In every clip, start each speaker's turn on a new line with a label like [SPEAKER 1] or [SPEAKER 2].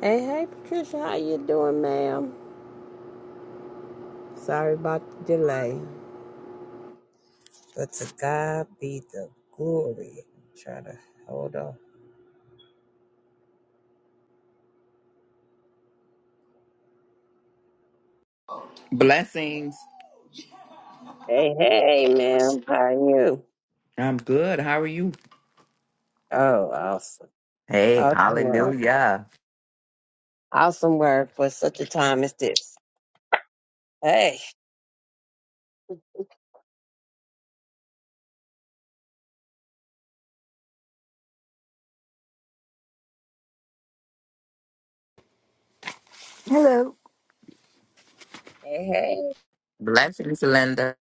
[SPEAKER 1] Hey, hey, Patricia, how you doing, ma'am? Sorry about the delay, but to God be the glory. Try to hold on.
[SPEAKER 2] Blessings.
[SPEAKER 1] Hey, hey, ma'am, how are you?
[SPEAKER 2] I'm good. How are you?
[SPEAKER 1] Oh, awesome,
[SPEAKER 2] Hey,
[SPEAKER 1] awesome work,
[SPEAKER 2] hallelujah.
[SPEAKER 1] awesome work for such a time as this. Hey,
[SPEAKER 3] Hello.
[SPEAKER 1] hey, hey.
[SPEAKER 2] Blessings, Linda.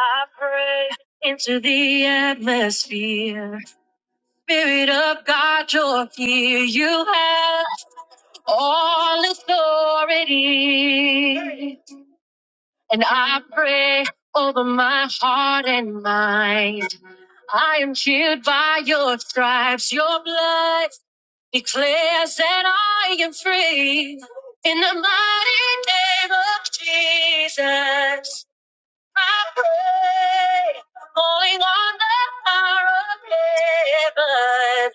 [SPEAKER 1] I pray into the atmosphere. Spirit of God, you're here. You have. all authority. And I pray over my heart and mind. I am healed by your stripes. Your blood declares that I am free. In the mighty name of Jesus, I pray, calling on the power of heaven.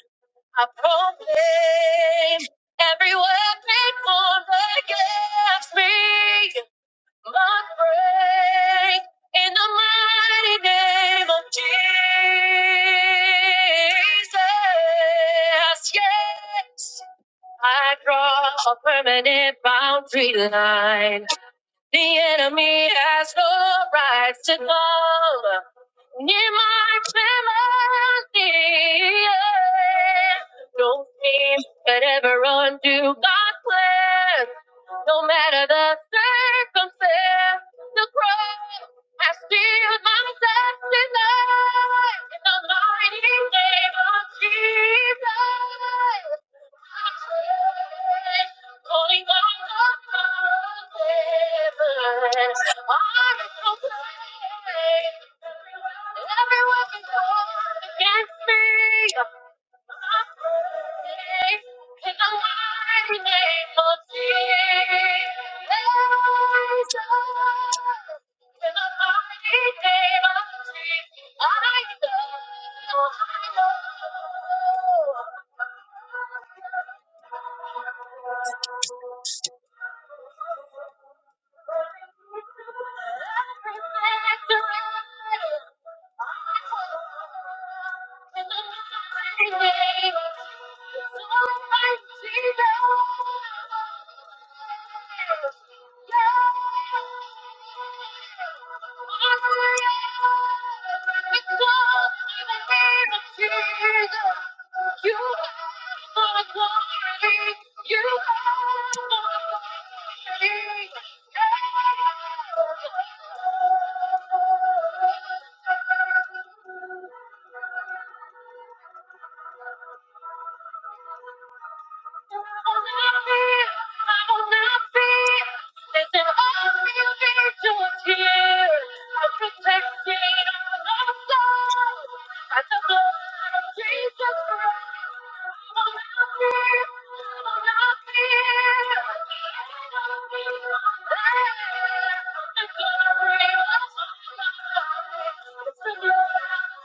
[SPEAKER 1] I proclaim every weapon formed against me must break in the mighty name of Jesus. Yes, I draw a permanent boundary line the enemy has no right to come near my family. No team could ever undo God's plan. No matter the circumstance, the cross. I still manifest in life in the mighty name of Jesus. Holding on of heaven, I'm so Every weapon formed against me. Thank you.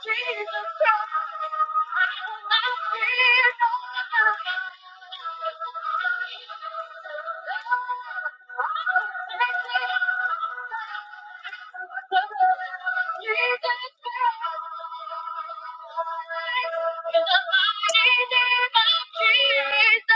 [SPEAKER 1] Jesus Christ. In the mighty name of Jesus.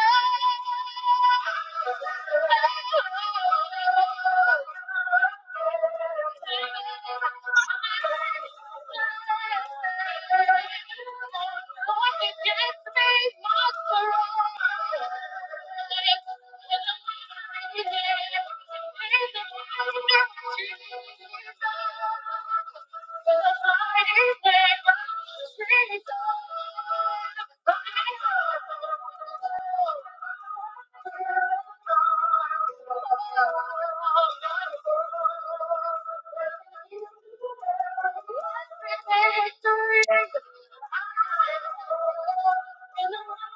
[SPEAKER 1] Thank you. Sweet love, I know. Sweet love, I know. Sweet love, I know. At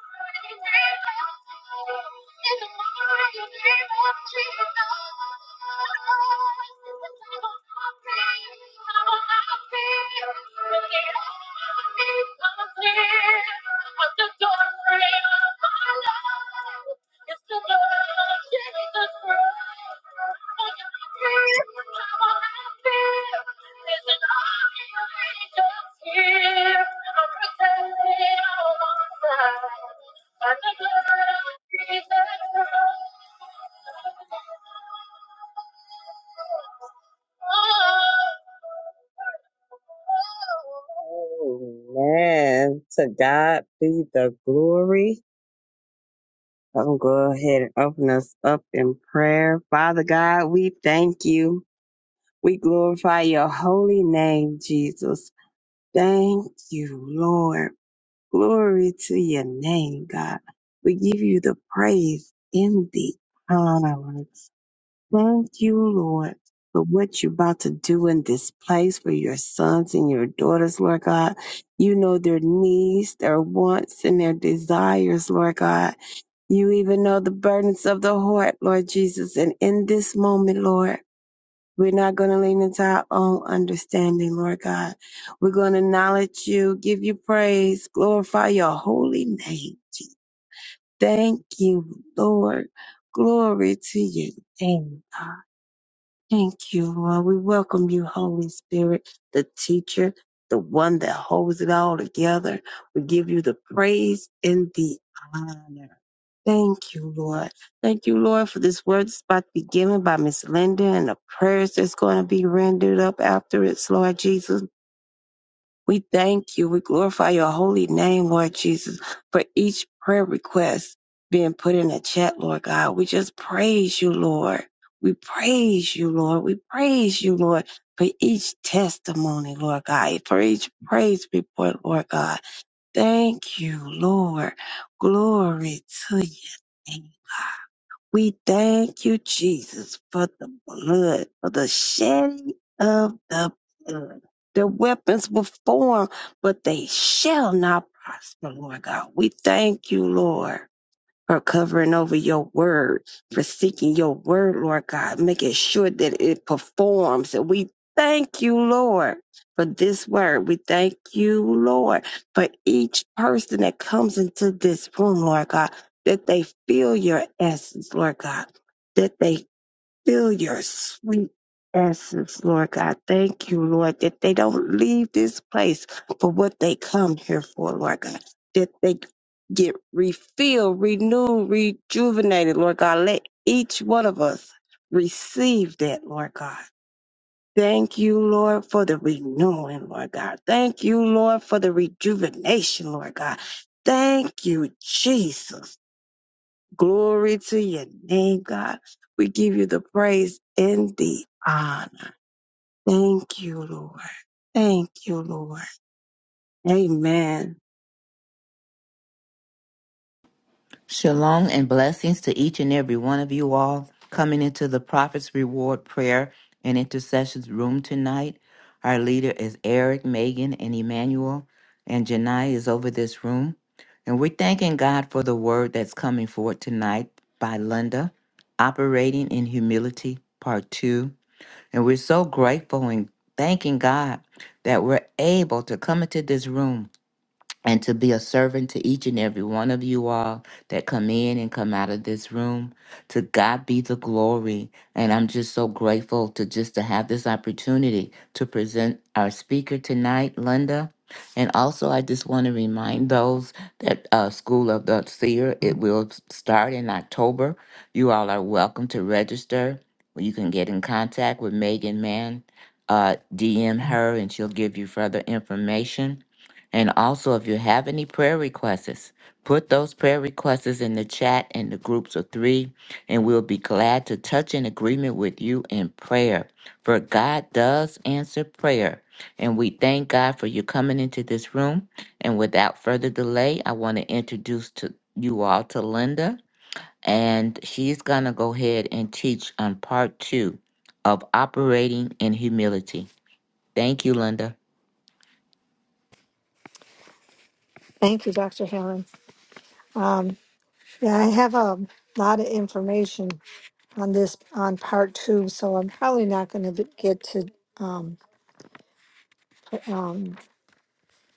[SPEAKER 1] the doorway of my life. It's the blood of Jesus Christ. Every time I feel there's an army of angels here. I'm protected on all sides by the blood of Jesus Christ. Amen. To God be the glory. I'm gonna go ahead and open us up in prayer. Father God, we thank you. We glorify your holy name, Jesus. Thank you, Lord. Glory to your name, God. We give you the praise in the honor. Lord. Thank you, Lord, for what you're about to do in this place for your sons and your daughters, Lord God. You know their needs, their wants, and their desires, Lord God. You even know the burdens of the heart, Lord Jesus. And in this moment, Lord, we're not going to lean into our own understanding, Lord God. We're going to acknowledge you, give you praise, glorify your holy name. Jesus. Thank you, Lord. Glory to your name, God. Thank you, Lord. We welcome you, Holy Spirit, the teacher, the one that holds it all together. We give you the praise and the honor. Thank you, Lord. Thank you, Lord, for this word that's about to be given by Miss Linda and the prayers that's going to be rendered up after it's, Lord Jesus. We thank you. We glorify your holy name, Lord Jesus, for each prayer request being put in the chat, Lord God. We just praise you, Lord. We praise you, Lord. We praise you, Lord, for each testimony, Lord God, for each praise report, Lord God. Thank you, Lord. Glory to your name. We thank you, Jesus, for the blood, for the shedding of the blood. The weapons were formed, but they shall not prosper, Lord God. We thank you, Lord for covering over your word, for seeking your word, Lord God, making sure that it performs. And we thank you, Lord, for this word. We thank you, Lord, for each person that comes into this room, Lord God, that they feel your essence, Lord God, that they Fill your sweet essence, Lord God. Thank you, Lord, that they don't leave this place for what they come here for, Lord God. That they get refilled, renewed, rejuvenated, Lord God. Let each one of us receive that, Lord God. Thank you, Lord, for the renewing, Lord God. Thank you, Lord, for the rejuvenation, Lord God. Thank you, Jesus. Glory to your name, God. We give you the praise and the honor. Thank you, Lord. Thank you, Lord. Amen.
[SPEAKER 2] Shalom and blessings to each and every one of you all coming into the Prophet's Reward Prayer and Intercessions Room tonight. Our leader is Eric, Megan, and Emmanuel, and Janai is over this room. And we're thanking God for the word that's coming forth tonight by Linda, Operating in Humility, Part 2. And we're so grateful and thanking God that we're able to come into this room and to be a servant to each and every one of you all that come in and come out of this room to god be the glory and i'm just so grateful to just to have this opportunity to present our speaker tonight linda and also i just want to remind those that uh, school of the seer it will start in october you all are welcome to register you can get in contact with megan mann uh, dm her and she'll give you further information and also, if you have any prayer requests, put those prayer requests in the chat and the groups of three, and we'll be glad to touch in agreement with you in prayer. For God does answer prayer. And we thank God for you coming into this room. And without further delay, I want to introduce to you all to Linda, and she's going to go ahead and teach on part two of operating in humility. Thank you, Linda.
[SPEAKER 3] Thank you, Dr. Helen. Um, yeah, I have a lot of information on this on part two, so I'm probably not going to get to um, um,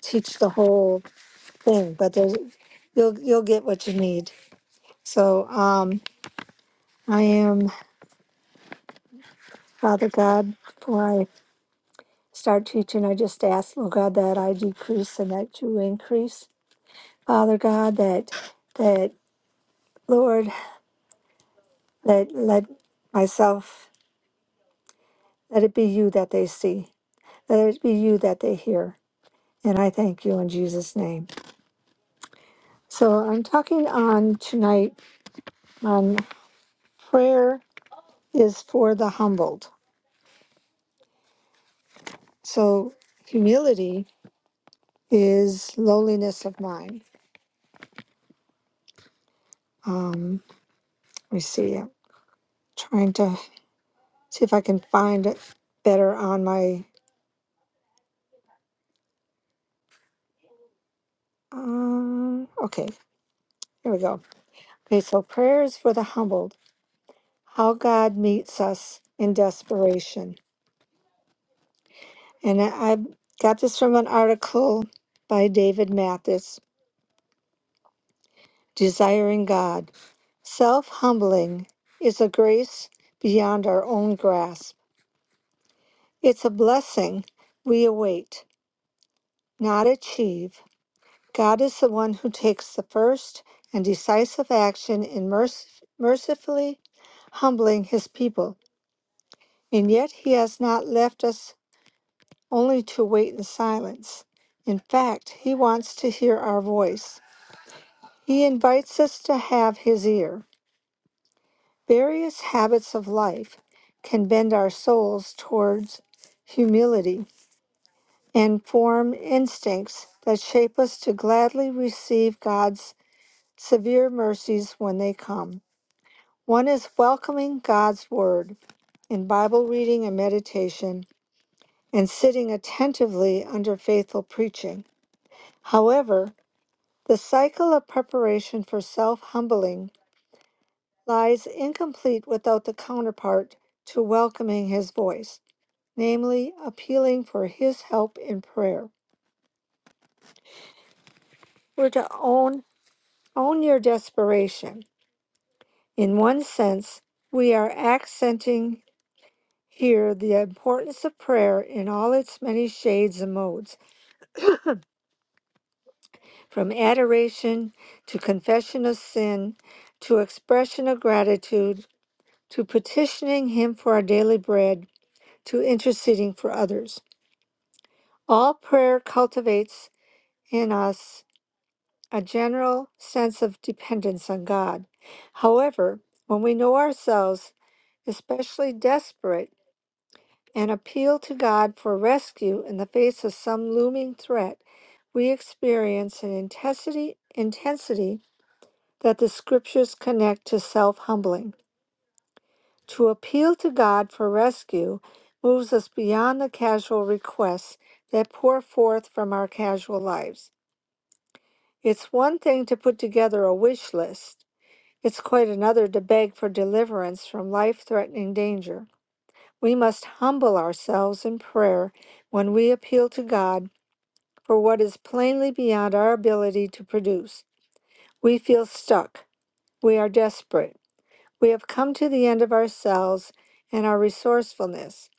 [SPEAKER 3] teach the whole thing, but there's you'll you'll get what you need. So um, I am Father God. Before I start teaching, I just ask, Lord God, that I decrease and that you increase, Father God. That that Lord, that let myself let it be you that they see Let it be you that they hear. And I thank you in Jesus' name. So I'm talking on tonight on prayer is for the humbled. So humility is lowliness of mind. Um, let me see. I'm trying to see if I can find it better on my. Um, okay, here we go. Okay, so prayer is for the humbled. How God meets us in desperation. And I, I got this from an article by David Mathis Desiring God. Self humbling is a grace beyond our own grasp. It's a blessing we await, not achieve. God is the one who takes the first and decisive action in merc- mercifully humbling his people. And yet he has not left us only to wait in silence. In fact, he wants to hear our voice. He invites us to have his ear. Various habits of life can bend our souls towards humility and form instincts that shape us to gladly receive God's severe mercies when they come. One is welcoming God's word in Bible reading and meditation and sitting attentively under faithful preaching. However, the cycle of preparation for self humbling lies incomplete without the counterpart to welcoming his voice, namely appealing for his help in prayer. We're to own own your desperation. In one sense, we are accenting here the importance of prayer in all its many shades and modes, from adoration to confession of sin to expression of gratitude to petitioning him for our daily bread to interceding for others. All prayer cultivates in us a general sense of dependence on God. However, when we know ourselves especially desperate and appeal to God for rescue in the face of some looming threat, we experience an intensity, intensity that the scriptures connect to self humbling. To appeal to God for rescue moves us beyond the casual requests that pour forth from our casual lives. It's one thing to put together a wish list, it's quite another to beg for deliverance from life threatening danger. We must humble ourselves in prayer when we appeal to God for what is plainly beyond our ability to produce. We feel stuck. We are desperate. We have come to the end of ourselves and our resourcefulness.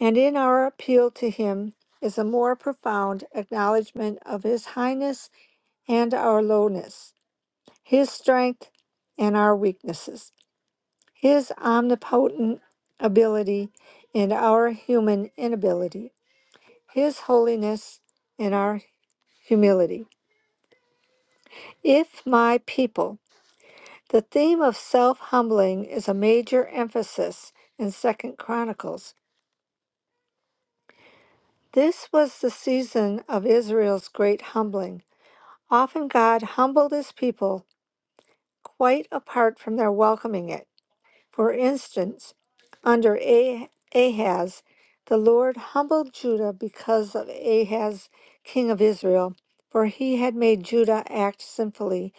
[SPEAKER 3] And in our appeal to Him is a more profound acknowledgement of His highness and our lowness. his strength and our weaknesses, his omnipotent ability and our human inability, his holiness and our humility. If my people, the theme of self humbling is a major emphasis in Second Chronicles. This was the season of Israel's great humbling. Often God humbled his people quite apart from their welcoming it. For instance, under Ah- Ahaz, the Lord humbled Judah because of Ahaz, king of Israel, for he had made Judah act sinfully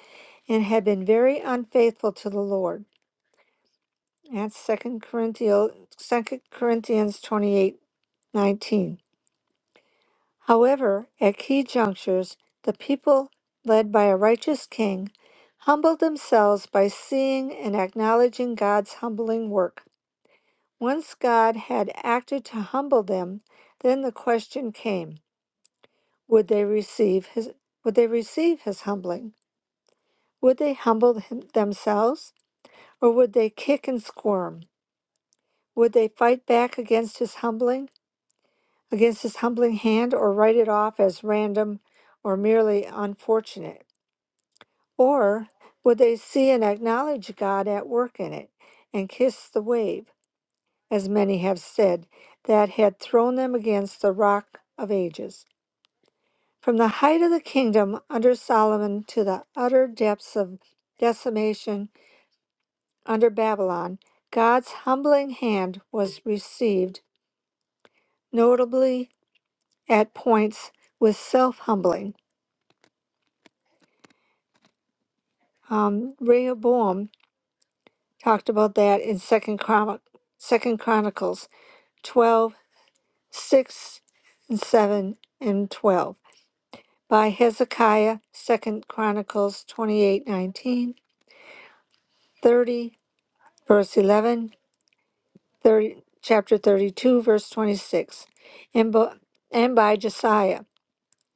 [SPEAKER 3] and had been very unfaithful to the Lord. That's 2 Corinthians, 2 Corinthians 28 nineteen. However, at key junctures, the people, led by a righteous king, humbled themselves by seeing and acknowledging God's humbling work. Once God had acted to humble them, then the question came, would they receive his would they receive his humbling? Would they humble him, themselves or would they kick and squirm? Would they fight back against his humbling, against his humbling hand or write it off as random or merely unfortunate? Or would they see and acknowledge God at work in it and kiss the wave? as many have said, that had thrown them against the rock of ages. From the height of the kingdom under Solomon to the utter depths of decimation under Babylon, God's humbling hand was received, notably at points with self humbling. Um, Rehoboam talked about that in Second, Chron- Second Chronicles 12 6 and 7, and 12. by Hezekiah, Second Chronicles 28, 19, 30, verse eleven, thirty, chapter 32, verse 26, and, bo- and by Josiah,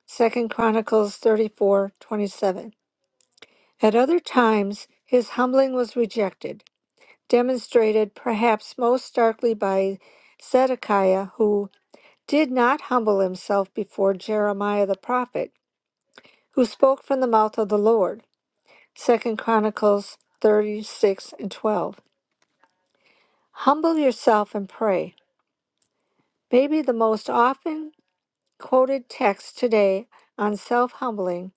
[SPEAKER 3] Second Chronicles 34, 27. At other times, his humbling was rejected, demonstrated perhaps most starkly by Zedekiah, who did not humble himself before Jeremiah the prophet, who spoke from the mouth of the Lord. Second Chronicles 36 and 12. Humble yourself and pray. Maybe the most often quoted text today on self humbling,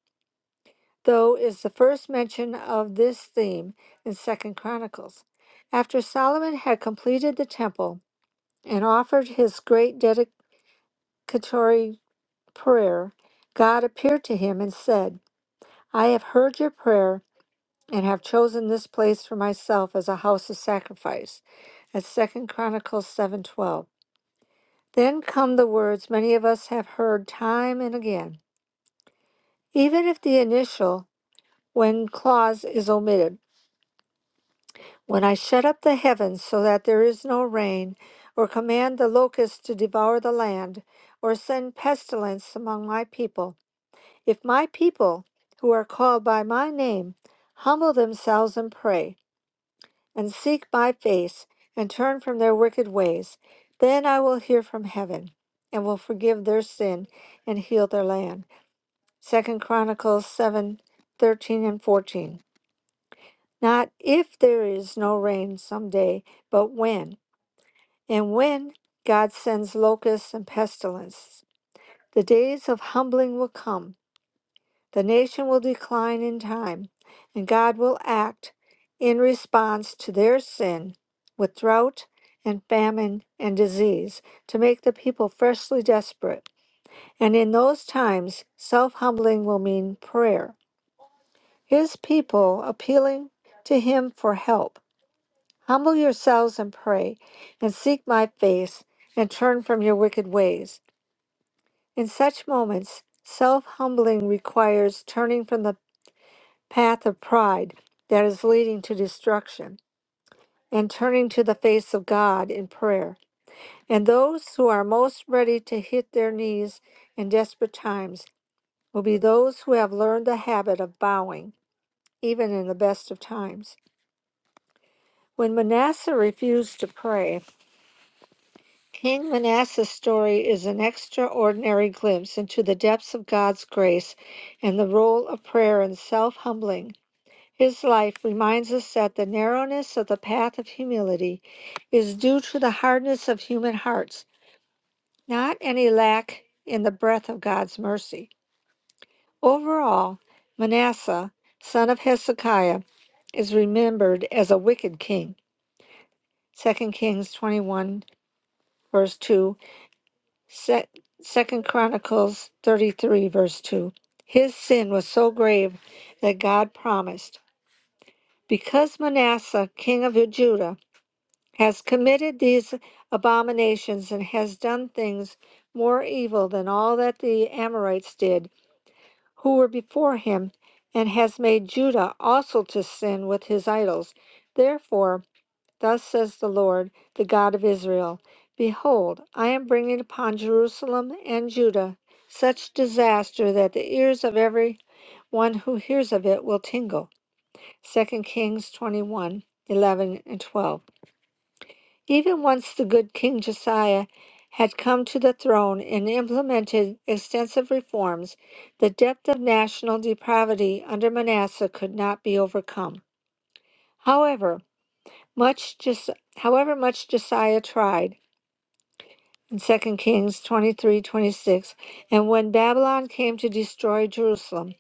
[SPEAKER 3] though, is the first mention of this theme in Second Chronicles. After Solomon had completed the temple and offered his great dedicatory prayer, God appeared to him and said, I have heard your prayer and have chosen this place for myself as a house of sacrifice at second chronicles 7:12 then come the words many of us have heard time and again even if the initial when clause is omitted when i shut up the heavens so that there is no rain or command the locusts to devour the land or send pestilence among my people if my people who are called by my name humble themselves and pray and seek my face and turn from their wicked ways. Then I will hear from heaven and will forgive their sin and heal their land. Second Chronicles seven, thirteen and 14. Not if there is no rain some day, but when. And when God sends locusts and pestilence, the days of humbling will come The nation will decline in time, and God will act in response to their sin with drought and famine and disease to make the people freshly desperate. And in those times, self humbling will mean prayer. His people appealing to Him for help. Humble yourselves and pray, and seek my face, and turn from your wicked ways. In such moments, self humbling requires turning from the path of pride that is leading to destruction, and turning to the face of God in prayer. And those who are most ready to hit their knees in desperate times will be those who have learned the habit of bowing, even in the best of times. When Manasseh refused to pray, King Manasseh's story is an extraordinary glimpse into the depths of God's grace and the role of prayer in self humbling His life reminds us that the narrowness of the path of humility is due to the hardness of human hearts, not any lack in the breadth of God's mercy. Overall, Manasseh, son of Hezekiah, is remembered as a wicked king. Second Kings 21, verse 2, Se- 2 Chronicles 33, verse 2. His sin was so grave that God promised, Because Manasseh, king of Judah, has committed these abominations and has done things more evil than all that the Amorites did, who were before him, and has made Judah also to sin with his idols. Therefore, thus says the Lord, the God of Israel Behold, I am bringing upon Jerusalem and Judah such disaster that the ears of every one who hears of it will tingle. Second Kings 21 11 and 12. Even once the good King Josiah had come to the throne and implemented extensive reforms, the depth of national depravity under Manasseh could not be overcome. However, much Jos- however much Josiah tried in Second Kings 23:26, and when Babylon came to destroy Jerusalem,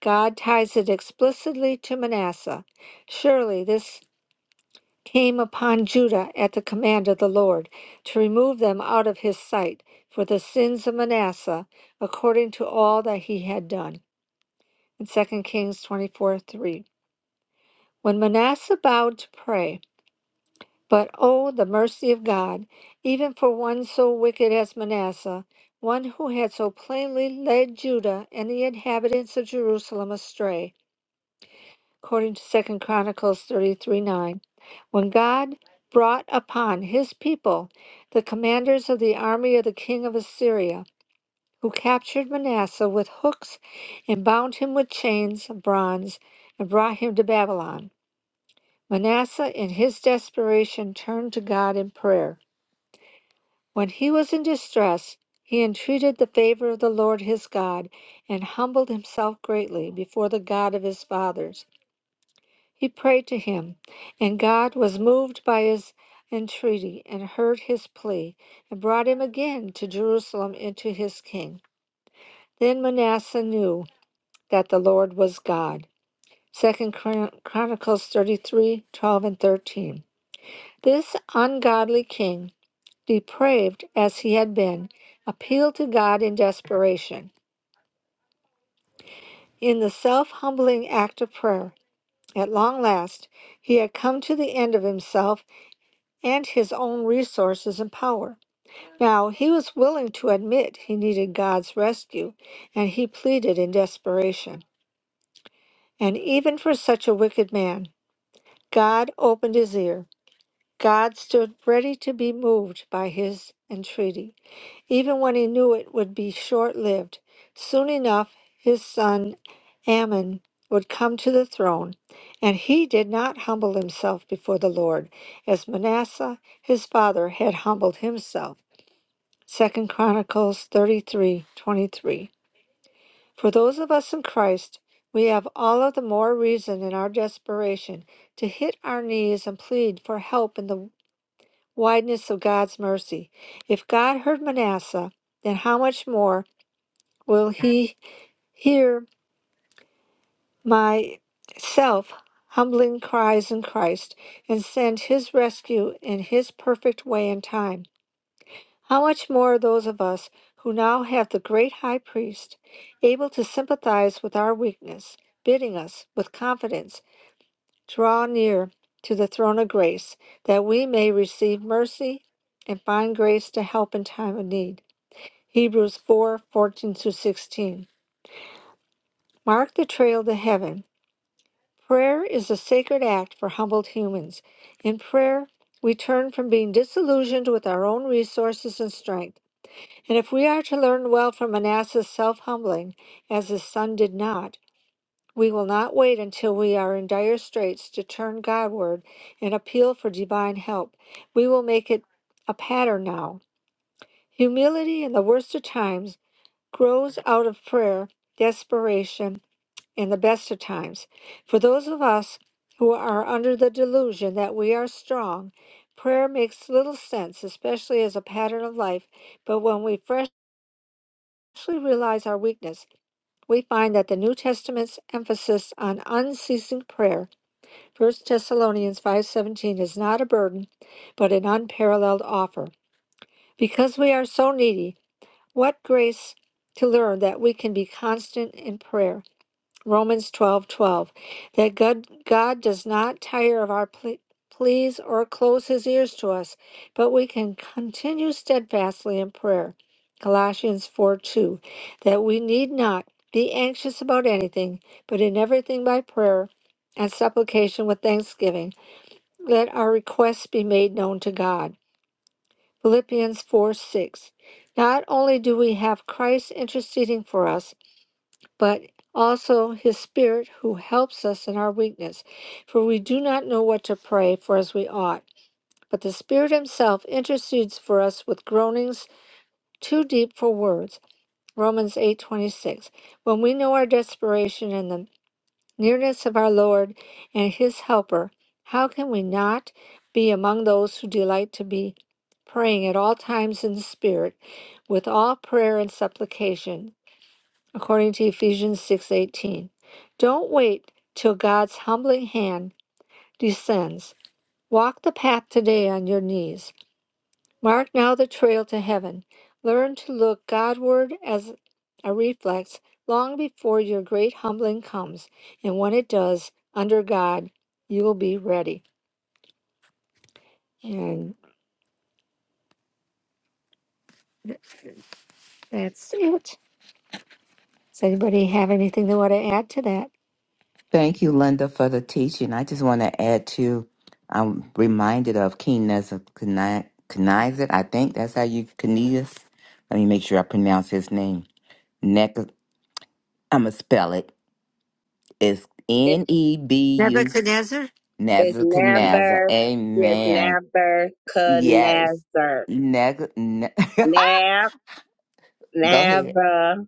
[SPEAKER 3] God ties it explicitly to Manasseh. Surely this came upon Judah at the command of the Lord, to remove them out of his sight for the sins of Manasseh, according to all that he had done. In 2 Kings 24 3. When Manasseh bowed to pray, but oh, the mercy of God, even for one so wicked as Manasseh, one who had so plainly led Judah and the inhabitants of Jerusalem astray. according to second chronicles 33 9 when god brought upon his people the commanders of the army of the king of assyria who captured manasseh with hooks and bound him with chains of bronze and brought him to babylon manasseh in his desperation turned to god in prayer when he was in distress he entreated the favor of the lord his god and humbled himself greatly before the god of his fathers He prayed to him, and God was moved by his entreaty and heard his plea and brought him again to Jerusalem into his king. Then Manasseh knew that the Lord was God. Second Chron- Chronicles 33 12 and 13. This ungodly king, depraved as he had been, appealed to God in desperation. In the self humbling act of prayer, at long last, he had come to the end of himself and his own resources and power. Now, he was willing to admit he needed God's rescue, and he pleaded in desperation. And even for such a wicked man, God opened his ear. God stood ready to be moved by his entreaty, even when he knew it would be short lived. Soon enough, his son Ammon would come to the throne, and he did not humble himself before the Lord, as Manasseh his father had humbled himself. Second Chronicles thirty-three twenty-three. For those of us in Christ, we have all of the more reason in our desperation to hit our knees and plead for help in the wideness of God's mercy. If God heard Manasseh, then how much more will he hear my self humbling cries in Christ and send his rescue in his perfect way and time? How much more those of us who now have the great high priest able to sympathize with our weakness, bidding us with confidence draw near to the throne of grace that we may receive mercy and find grace to help in time of need. Hebrews 4:14 14 through 16. Mark the trail to heaven. Prayer is a sacred act for humbled humans. In prayer, we turn from being disillusioned with our own resources and strength. And if we are to learn well from Manasseh's self humbling, as his son did not, we will not wait until we are in dire straits to turn Godward and appeal for divine help. We will make it a pattern now. Humility in the worst of times grows out of prayer, desperation, and the best of times. For those of us who are under the delusion that we are strong, prayer makes little sense, especially as a pattern of life. But when we freshly realize our weakness, we find that the New Testament's emphasis on unceasing prayer, 1st Thessalonians 5:17 is not a burden, but an unparalleled offer. Because we are so needy, what grace to learn that we can be constant in prayer. Romans twelve twelve, that God, God does not tire of our ple- pleas or close his ears to us, but we can continue steadfastly in prayer. Colossians 4 2, that we need not be anxious about anything, but in everything by prayer and supplication with thanksgiving, let our requests be made known to God. Philippians 4 6, not only do we have Christ interceding for us, but also his Spirit who helps us in our weakness. For we do not know what to pray for as we ought, but the Spirit himself intercedes for us with groanings too deep for words. Romans 8:26. When we know our desperation and the nearness of our Lord and his helper, how can we not be among those who delight to be praying at all times in the Spirit with all prayer and supplication? according to Ephesians 6:18. Don't wait till God's humbling hand descends. Walk the path today on your knees. Mark now the trail to heaven. Learn to look Godward as a reflex long before your great humbling comes, and when it does, under God, you will be ready. And that's it. Does anybody have anything they want to add to that?
[SPEAKER 2] Thank you, Linda, for the teaching. I just want to add to, I'm reminded of King Nebuchadnezzar. I think that's how you, Cornelius. Let me make sure I pronounce his name. Neck, I'm going to spell it. It's
[SPEAKER 1] It
[SPEAKER 2] N E B U
[SPEAKER 3] Nebuchadnezzar?
[SPEAKER 1] is
[SPEAKER 2] Nebuchadnezzar.
[SPEAKER 1] never, it's
[SPEAKER 2] Amen.
[SPEAKER 1] never could
[SPEAKER 2] Yes.
[SPEAKER 1] never,
[SPEAKER 2] Neg, ne-
[SPEAKER 1] never,
[SPEAKER 2] Go ahead.
[SPEAKER 1] never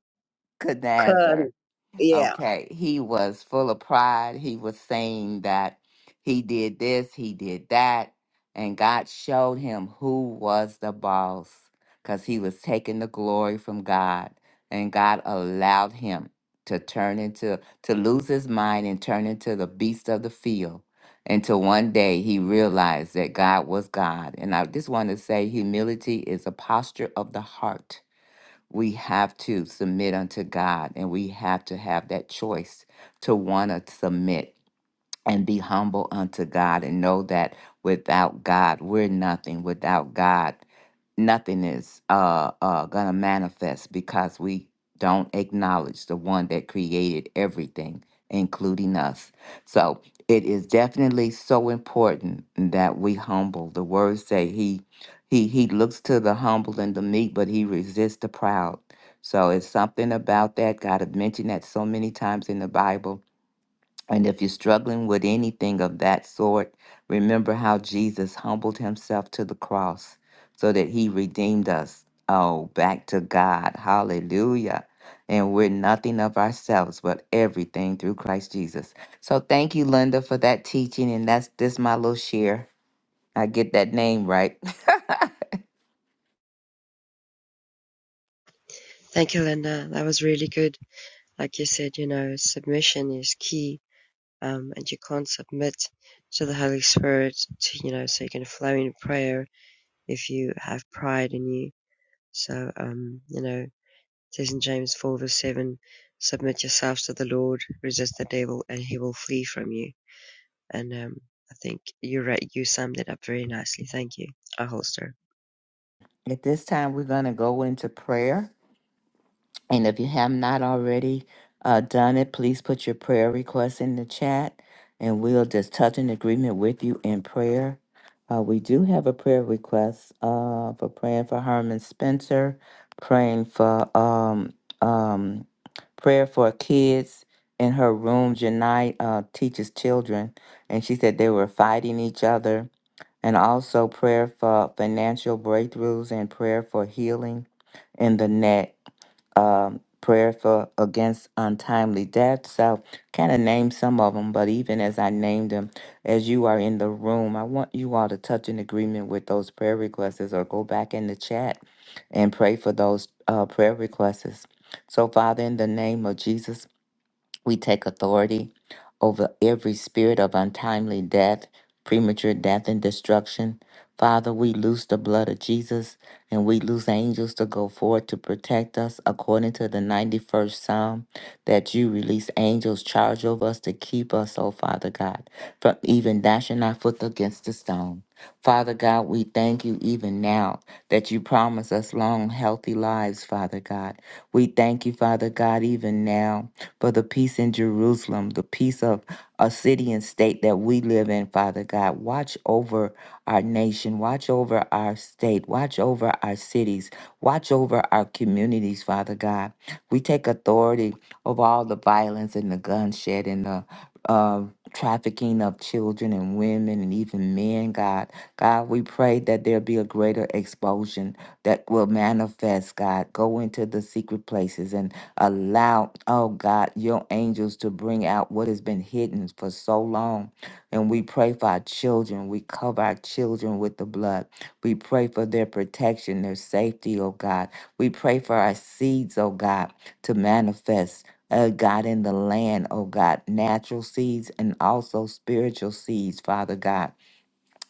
[SPEAKER 2] Nebuchadnezzar.
[SPEAKER 1] could. Yeah.
[SPEAKER 2] Okay, he was full of pride. He was saying that he did this, he did that, and God showed him who was the boss because he was taking the glory from God, and God allowed him to turn into to lose his mind and turn into the beast of the field until one day he realized that God was God. And I just want to say humility is a posture of the heart we have to submit unto God and we have to have that choice to want to submit and be humble unto God and know that without God, we're nothing. Without God, nothing is uh, uh, gonna manifest because we don't acknowledge the one that created everything, including us. So it is definitely so important that we humble. The words say he he he looks to the humble and the meek, but he resists the proud. So it's something about that. God had mentioned that so many times in the Bible and if you're struggling with anything of that sort, remember how Jesus humbled himself to the cross so that he redeemed us. Oh, back to God. Hallelujah. And we're nothing of ourselves, but everything through Christ Jesus. So thank you, Linda, for that teaching. And that's this my little share. I get that name right.
[SPEAKER 4] Thank you, Linda. That was really good. Like you said, you know, submission is key, um, and you can't submit to the Holy Spirit to, you know, so you can flow in prayer if you have pride in you. So, um, you know, it says in James 4 verse 7, submit yourselves to the Lord, resist the devil, and he will flee from you. And, um, I think you right, you summed it up very nicely. Thank you. our holster.
[SPEAKER 2] At this time, we're going to go into prayer. And if you have not already uh, done it, please put your prayer requests in the chat and we'll just touch an agreement with you in prayer. Uh, we do have a prayer request uh, for praying for Herman Spencer, praying for um, um, prayer for kids in her room. Janai uh, teaches children, and she said they were fighting each other. And also prayer for financial breakthroughs and prayer for healing in the neck um, prayer for against untimely death. So, kind of name some of them, but even as I named them, as you are in the room, I want you all to touch in agreement with those prayer requests or go back in the chat and pray for those uh, prayer requests. So, Father, in the name of Jesus, we take authority over every spirit of untimely death, premature death, and destruction. Father, we loose the blood of Jesus and we loose angels to go forth to protect us according to the 91st Psalm that you release angels charge over us to keep us, oh Father God, from even dashing our foot against the stone. Father God, we thank you even now that you promise us long, healthy lives, Father God. We thank you, Father God, even now for the peace in Jerusalem, the peace of a city and state that we live in, Father God. Watch over our nation, watch over our state, watch over our cities, watch over our communities, Father God. We take authority over all the violence and the bloodshed and the um, trafficking of children and women and even men, God. God, we pray that there be a greater expulsion that will manifest, God. Go into the secret places and allow, oh God, your angels to bring out what has been hidden for so long. And we pray for our children. We cover our children with the blood. We pray for their protection, their safety, oh God. We pray for our seeds, oh God, to manifest uh, God, in the land, oh God, natural seeds and also spiritual seeds, Father God.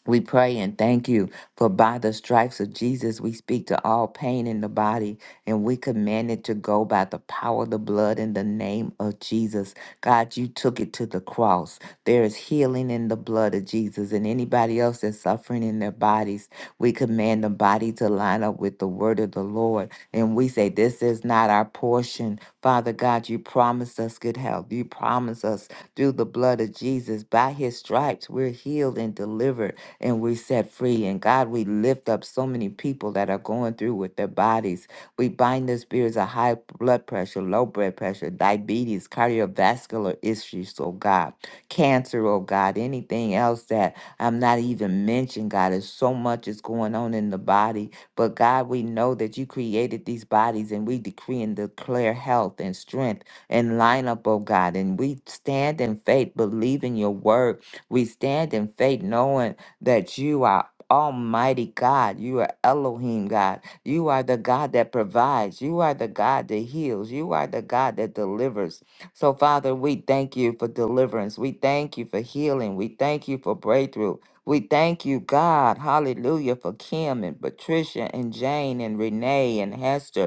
[SPEAKER 2] We pray and thank you for by the stripes of Jesus, we speak to all pain in the body and we command it to go by the power of the blood in the name of Jesus. God, you took it to the cross. There is healing in the blood of Jesus and anybody else that's suffering in their bodies. We command the body to line up with the word of the Lord and we say, This is not our portion. Father God, you promised us good health. You promised us through the blood of Jesus, by his stripes, we're healed and delivered and we set free. And God, we lift up so many people that are going through with their bodies. We bind the spirits of high blood pressure, low blood pressure, diabetes, cardiovascular issues, oh God, cancer, oh God, anything else that I'm not even mentioned, God. There's so much is going on in the body. But God, we know that you created these bodies and we decree and declare health and strength and line up, oh God. And we stand in faith, believing your word. We stand in faith, knowing that you are Almighty God. You are Elohim God. You are the God that provides. You are the God that heals. You are the God that delivers. So, Father, we thank you for deliverance. We thank you for healing. We thank you for breakthrough. We thank you, God, hallelujah, for Kim and Patricia and Jane and Renee and Hester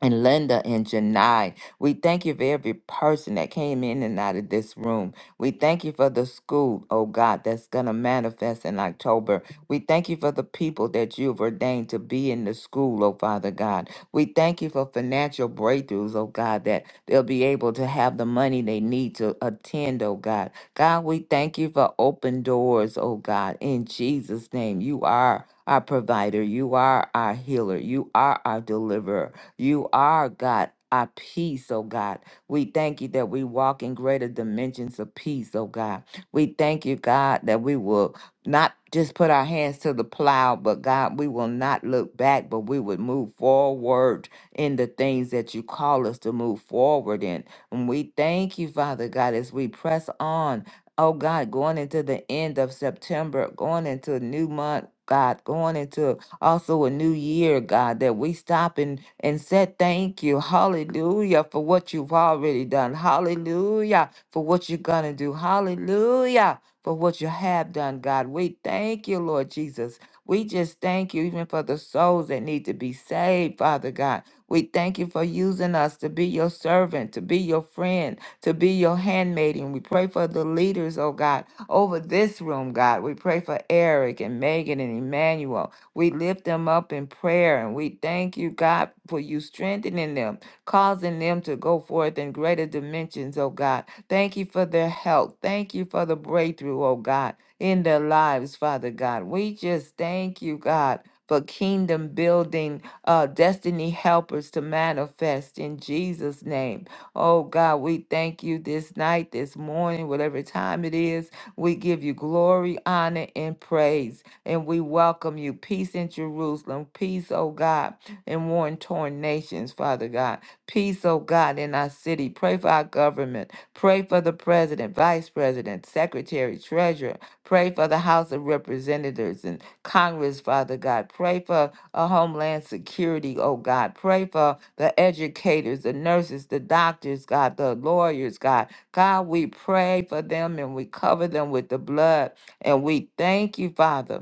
[SPEAKER 2] and Linda and Janai. We thank you for every person that came in and out of this room. We thank you for the school, oh God, that's going to manifest in October. We thank you for the people that you've ordained to be in the school, oh Father God. We thank you for financial breakthroughs, oh God, that they'll be able to have the money they need to attend, oh God. God, we thank you for open doors, oh God. In Jesus' name, you are our provider, you are our healer, you are our deliverer. You are, God, our peace, oh God. We thank you that we walk in greater dimensions of peace, oh God. We thank you, God, that we will not just put our hands to the plow, but God, we will not look back, but we would move forward in the things that you call us to move forward in. And we thank you, Father God, as we press on. Oh God, going into the end of September, going into a new month, God, going into also a new year, God, that we stop and, and said thank you. Hallelujah for what you've already done. Hallelujah for what you're going to do. Hallelujah for what you have done, God. We thank you, Lord Jesus. We just thank you even for the souls that need to be saved, Father God. We thank you for using us to be your servant, to be your friend, to be your handmaiden. we pray for the leaders, oh God, over this room, God. We pray for Eric and Megan and Emmanuel. We lift them up in prayer and we thank you, God, for you strengthening them, causing them to go forth in greater dimensions, oh God. Thank you for their help. Thank you for the breakthrough, oh God, in their lives, Father God. We just thank you, God. For kingdom building, uh, destiny helpers to manifest in Jesus' name. Oh God, we thank you this night, this morning, whatever time it is. We give you glory, honor, and praise and we welcome you. Peace in Jerusalem. Peace, oh God, in worn torn nations, Father God. Peace, oh God, in our city. Pray for our government. Pray for the president, vice president, secretary, treasurer. Pray for the House of Representatives and Congress, Father God. Pray for a homeland security, oh God. Pray for the educators, the nurses, the doctors, God, the lawyers, God. God, we pray for them and we cover them with the blood. And we thank you, Father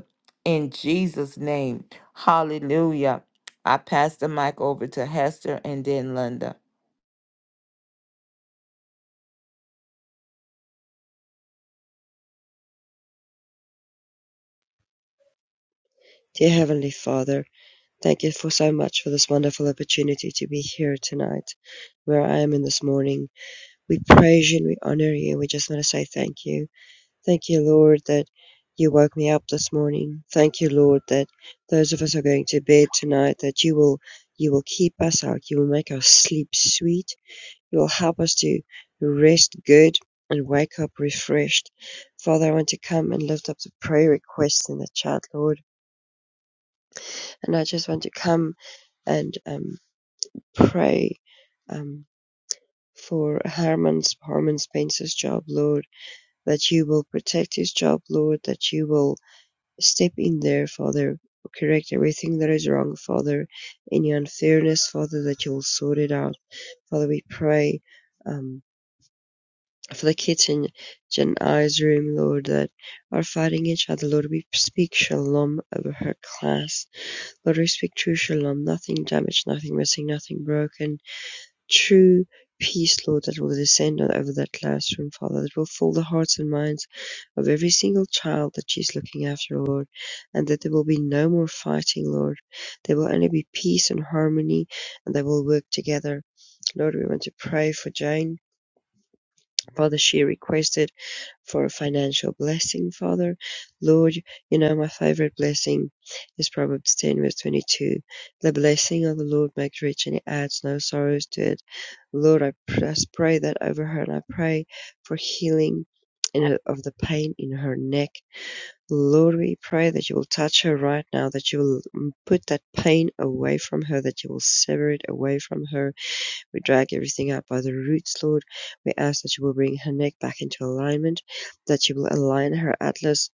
[SPEAKER 2] in Jesus' name. Hallelujah. I pass the mic over to Hester and then Linda.
[SPEAKER 4] Dear Heavenly Father, Thank you for so much for this wonderful opportunity to be here tonight, where I am in this morning. We praise you and we honor you. We just want to say thank you. Thank you, Lord, that you woke me up this morning. Thank you, Lord, that those of us who are going to bed tonight, that you will you will keep us out. You will make our sleep sweet. You will help us to rest good and wake up refreshed. Father, I want to come and lift up the prayer requests in the chat, Lord. And I just want to come and um, pray um, for Herman's Herman Spencer's job, Lord, that you will protect his job, Lord, that you will step in there, Father, correct everything that is wrong, Father, any unfairness, Father, that you will sort it out. Father, we pray um, for the kids in Jen I's room, Lord, that are fighting each other, Lord, we speak shalom over her class. Lord, we speak true shalom, nothing damaged, nothing missing, nothing broken. true peace, Lord, that will descend on- over that classroom, Father, that will fill the hearts and minds of every single child that she's looking after, Lord, and that there will be no more fighting, Lord. There will only be peace and harmony, and they will work together. Lord, we want to pray for Jane. Father, she requested for a financial blessing. Father, Lord, you know my favorite blessing is Proverbs 10, verse 22. The blessing of the Lord makes rich and it adds no sorrows to it. Lord, I pr- I pray that over her and I pray for healing in her, of the pain in her neck. Lord, we pray that you will touch her right now, that you will mm, put that pain away from her, that you will sever it away from her we drag everything up by the roots, Lord. We ask that you will bring her neck back into alignment, that you will align her atlas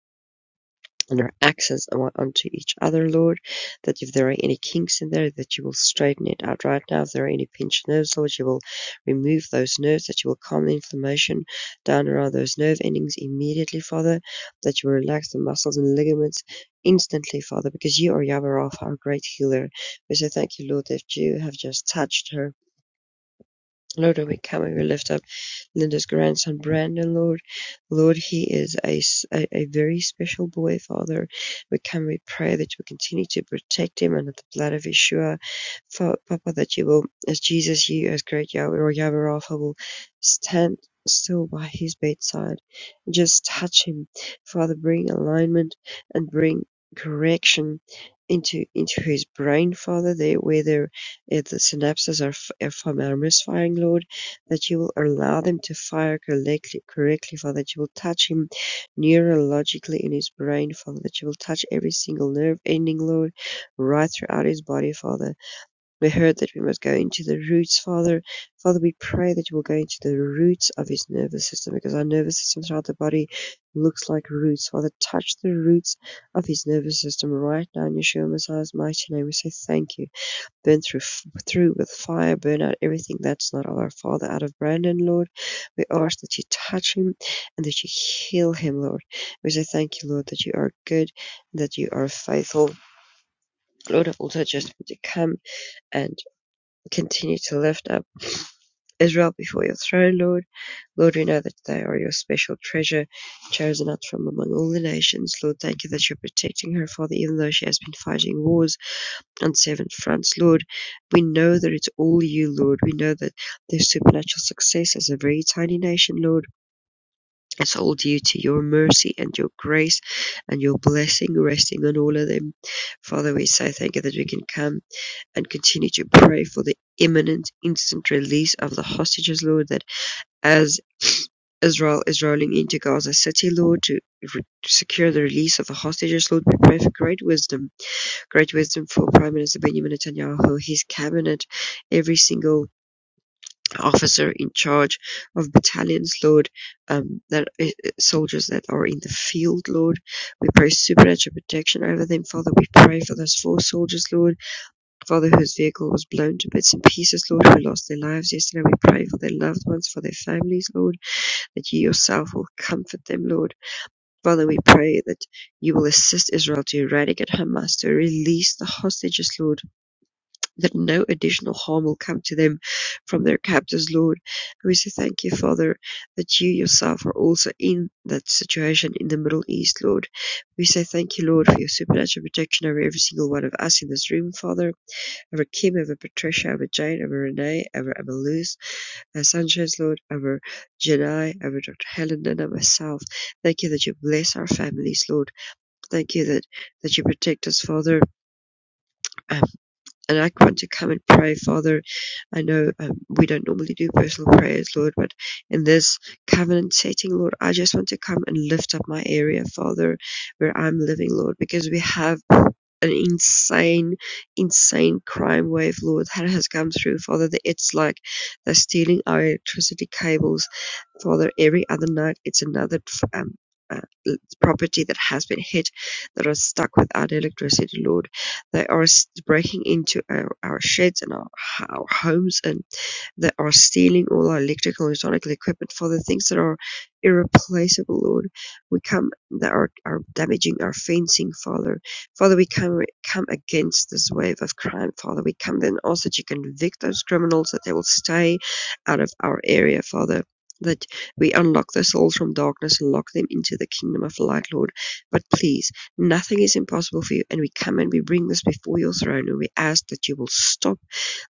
[SPEAKER 4] and her axis on- onto each other, Lord. That if there are any kinks in there, that you will straighten it out right now. If there are any pinched nerves, Lord, you will remove those nerves, that you will calm the inflammation down around those nerve endings immediately, Father, that you will relax the muscles and ligaments instantly, Father, because you are Yahweh Rapha, our great healer. We say thank you, Lord, that you have just touched her Lord we come and we lift up Linda's grandson Brandon, Lord. Lord, he is a a a very special boy, Father. We come, we pray that you continue to protect him under the blood of Yeshua. Fa- Papa, that you will, as Jesus, you as great Yahweh or Yahweh Rapha will stand still by his bedside. Just touch him, Father, bring alignment and bring correction into into his brain, Father, there where there, eh, the synapses are, f- are, f- are misfiring, Lord that you will allow them to fire correctly, correctly, Father, that you will touch him neurologically in his brain, Father, that you will touch every single nerve ending, Lord, right throughout his body, Father. We heard that we must go into the roots, Father. Father, we pray that you will go into the roots of his nervous system because our nervous system throughout the body looks like roots. Father, touch the roots of his nervous system right now in Yeshua Messiah's mighty name. We say thank you burn through, through with fire, burn out everything that's not of our Father out of Brandon, Lord. We ask that you touch him and that you heal him, Lord. We say thank you, Lord, that you are good, that you are faithful. Lord, I also just want to come and continue to lift up Israel before your throne, Lord. Lord, we know that they are your special treasure, chosen out from among all the nations. Lord, thank you that you're protecting her, Father, even though she has been fighting wars and seven France, Lord, we know that it's all you, Lord. We know that there's supernatural success as a very tiny nation, Lord. It's all due to your mercy and your grace and your blessing resting on all of them. Father, we say thank you that we can come and continue to pray for the imminent, instant release of the hostages, Lord, that as Israel is rolling into Gaza City, Lord, to re- to secure the release of the hostages, Lord, we pray for great wisdom Great wisdom for Prime Minister Benjamin Netanyahu, his cabinet, every single officer in charge of battalions, Lord, um, that uh, soldiers that are in the field, Lord. We pray supernatural protection over them, Father. We pray for those four soldiers, Lord, Father, whose vehicle was blown to bits and pieces, Lord, who lost their lives yesterday. We pray for their loved ones, for their families, Lord, that you yourself will comfort them, Lord. Father, we pray that you will assist Israel to eradicate Hamas, to release the hostages, Lord, that no additional harm will come to them from their captors, Lord. And we say thank you, Father, that you yourself are also in that situation in the Middle East, Lord. We say thank you, Lord, for your supernatural protection over every single one of us in this room, Father, over Kim, over Patricia, over Jane, over Renee, over Emma Luz, over Sanchez, Lord, over Janai, over Dr. Helen, and over myself. Thank you that you bless our families, Lord. Thank you that, that you protect us, Father, um, and I want to come and pray, Father. I know um, we don't normally do personal prayers, Lord, but in this covenant setting, Lord, I just want to come and lift up my area, Father, where I'm living, Lord, because we have an insane, insane crime wave, Lord, that has come through, Father. That it's like they're stealing our electricity cables, Father. Every other night, it's another um, uh, property that has been hit, that are stuck without electricity, Lord. They are breaking into our our sheds and our our homes and that are stealing all our electrical and electronic equipment, Father, things that are irreplaceable, Lord. We come that are, are damaging our fencing, Father. Father, we come come against this wave of crime, Father. We come then also that you convict those criminals that they will stay out of our area, Father. That we unlock their souls from darkness and lock them into the kingdom of light, Lord. But please, nothing is impossible for you, and we come and we bring this before your throne, and we ask that you will stop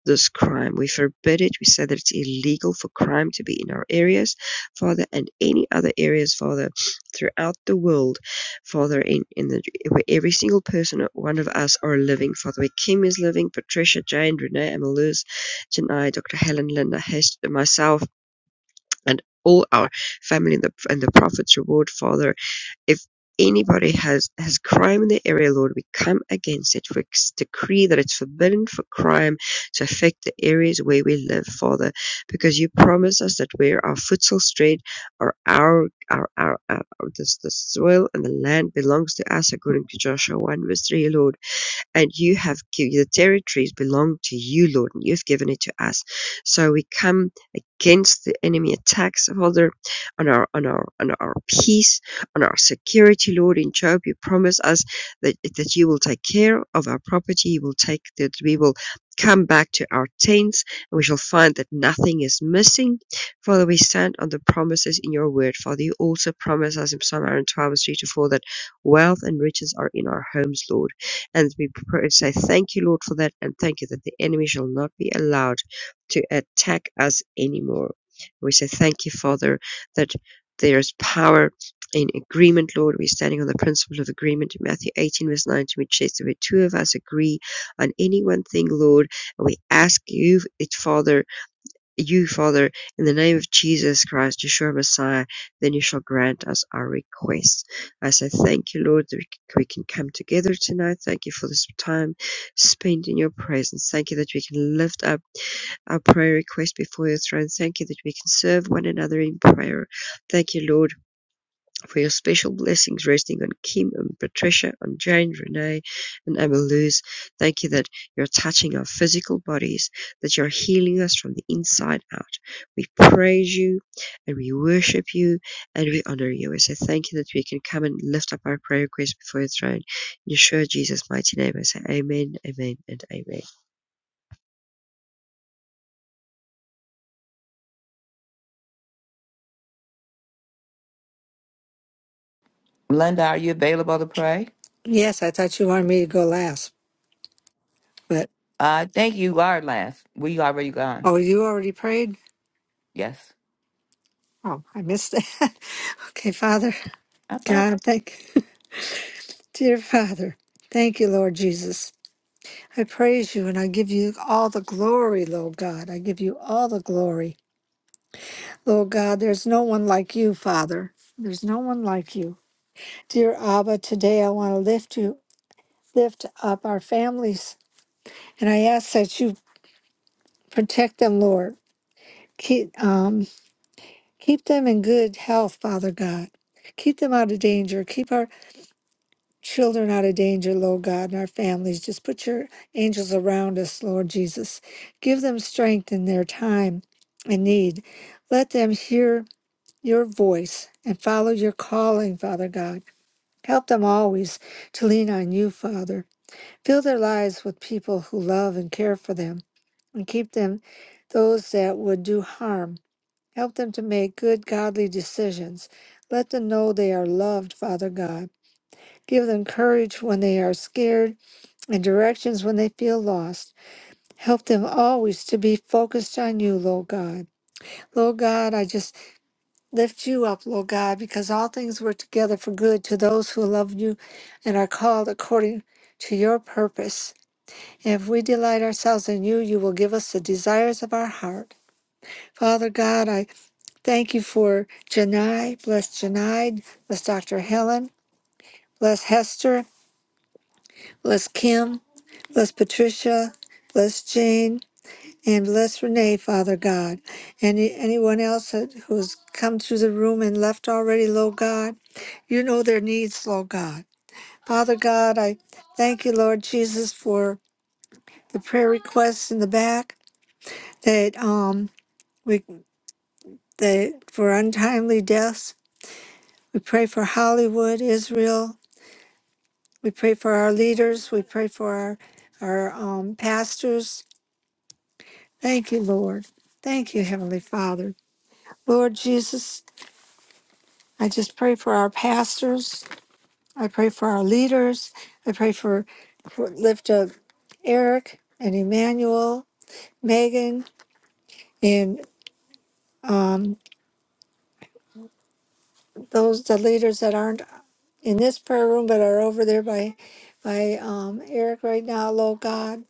[SPEAKER 4] this crime. We forbid it. We said that it's illegal for crime to be in our areas, Father, and any other areas, Father, throughout the world, Father, in, in the where every single person, one of us, are living, Father, where Kim is living, Patricia, Jane, Renee, Emma Luz, Janai, Dr. Helen, Linda, Hest, myself, and all our family and the, and the Prophet's Reward, Father, if anybody has has crime in the area, Lord, we come against it. We decree that it's forbidden for crime to affect the areas where we live, Father, because you promise us that where our foot shall tread, our our our, our, our this, the soil and the land belongs to us, according to Joshua 1 verse 3, Lord and you have given the territories belong to you, Lord, and you've given it to us. So we come against the enemy attacks, Father, on our on our on our peace, on our security, Lord. In Job, you promise us that that you will take care of our property. You will take that we will come back to our tents and we shall find that nothing is missing. Father, we stand on the promises in your word. Father, you also promise us in Psalm 112, verse to 4 that wealth and riches are in our homes, Lord and be prepared. So I thank you, Lord, for that, and thank you that the enemy shall not be allowed to attack us anymore. We say thank you, Father, that there is power in agreement, Lord. We're standing on the principle of agreement in Matthew 18, verse 19, which says, that Where two of us agree on any one thing, Lord, and we ask you, it, Father, you, Father, in the name of Jesus Christ, Yeshua Messiah, then you shall grant us our requests. I say thank you, Lord, that we we can come together tonight. Thank you for this time spent in your presence. Thank you that we can lift up our prayer request before your throne. Thank you that we can serve one another in prayer. Thank you, Lord, for your special blessings resting on Kim and Patricia, on Jane, Renee, and Emma Luz. Thank you that you're touching our physical bodies, that you're healing us from the inside out. We praise you and we worship you and we honor you. I say thank you that we can come and lift up our prayer requests before your throne. In Yeshua Jesus' mighty name, I say amen, amen, and amen.
[SPEAKER 2] Linda, are you available to pray?
[SPEAKER 3] Yes, I thought you wanted me to go last, but
[SPEAKER 2] Uh, thank you, are last. We already gone.
[SPEAKER 3] oh, you already prayed?
[SPEAKER 2] Yes.
[SPEAKER 3] Oh, I missed that. Okay, Father
[SPEAKER 2] I thought
[SPEAKER 3] God, thank dear Father, thank you, Lord Jesus. I praise you and I give you all the glory, Lord God. I give you all the glory, Lord God. There's no one like you, Father. There's no one like you, dear Abba. Today I want to lift you, lift up our families, and I ask that you protect them, Lord. Keep um, keep them in good health, Father God. Keep them out of danger. Keep our children out of danger, Lord God, and our families. Just put your angels around us, Lord Jesus. Give them strength in their time and need. Let them hear your voice and follow your calling, Father God. Help them always to lean on you, Father. Fill their lives with people who love and care for them, and keep them those that would do harm. Help them to make good, godly decisions. Let them know they are loved, Father God Give them courage when they are scared and directions when they feel lost. Help them always to be focused on you, Lord God. Lord God, I just lift you up, Lord God, because all things work together for good to those who love you and are called according to your purpose. And if we delight ourselves in you, you will give us the desires of our heart. Father God, I thank you for Janai. Bless Janai. Bless Dr. Helen. Bless Hester. Bless Kim. Bless Patricia, bless Jean, and bless Renee, Father God. And anyone else that- who's come through the room and left already, Lord God, you know their needs, Lord God. Father God, I thank you, Lord Jesus, for the prayer requests in the back that um we that for untimely deaths. We pray for Hollywood, Israel. We pray for our leaders. We pray for our our um, pastors. Thank you, Lord. Thank you, Heavenly Father. Lord Jesus, I just pray for our pastors. I pray for our leaders. I pray for, for lift up Eric and Emmanuel, Megan, and um, those the leaders that aren't in this prayer room but are over there by by um, Eric right now. Lord God,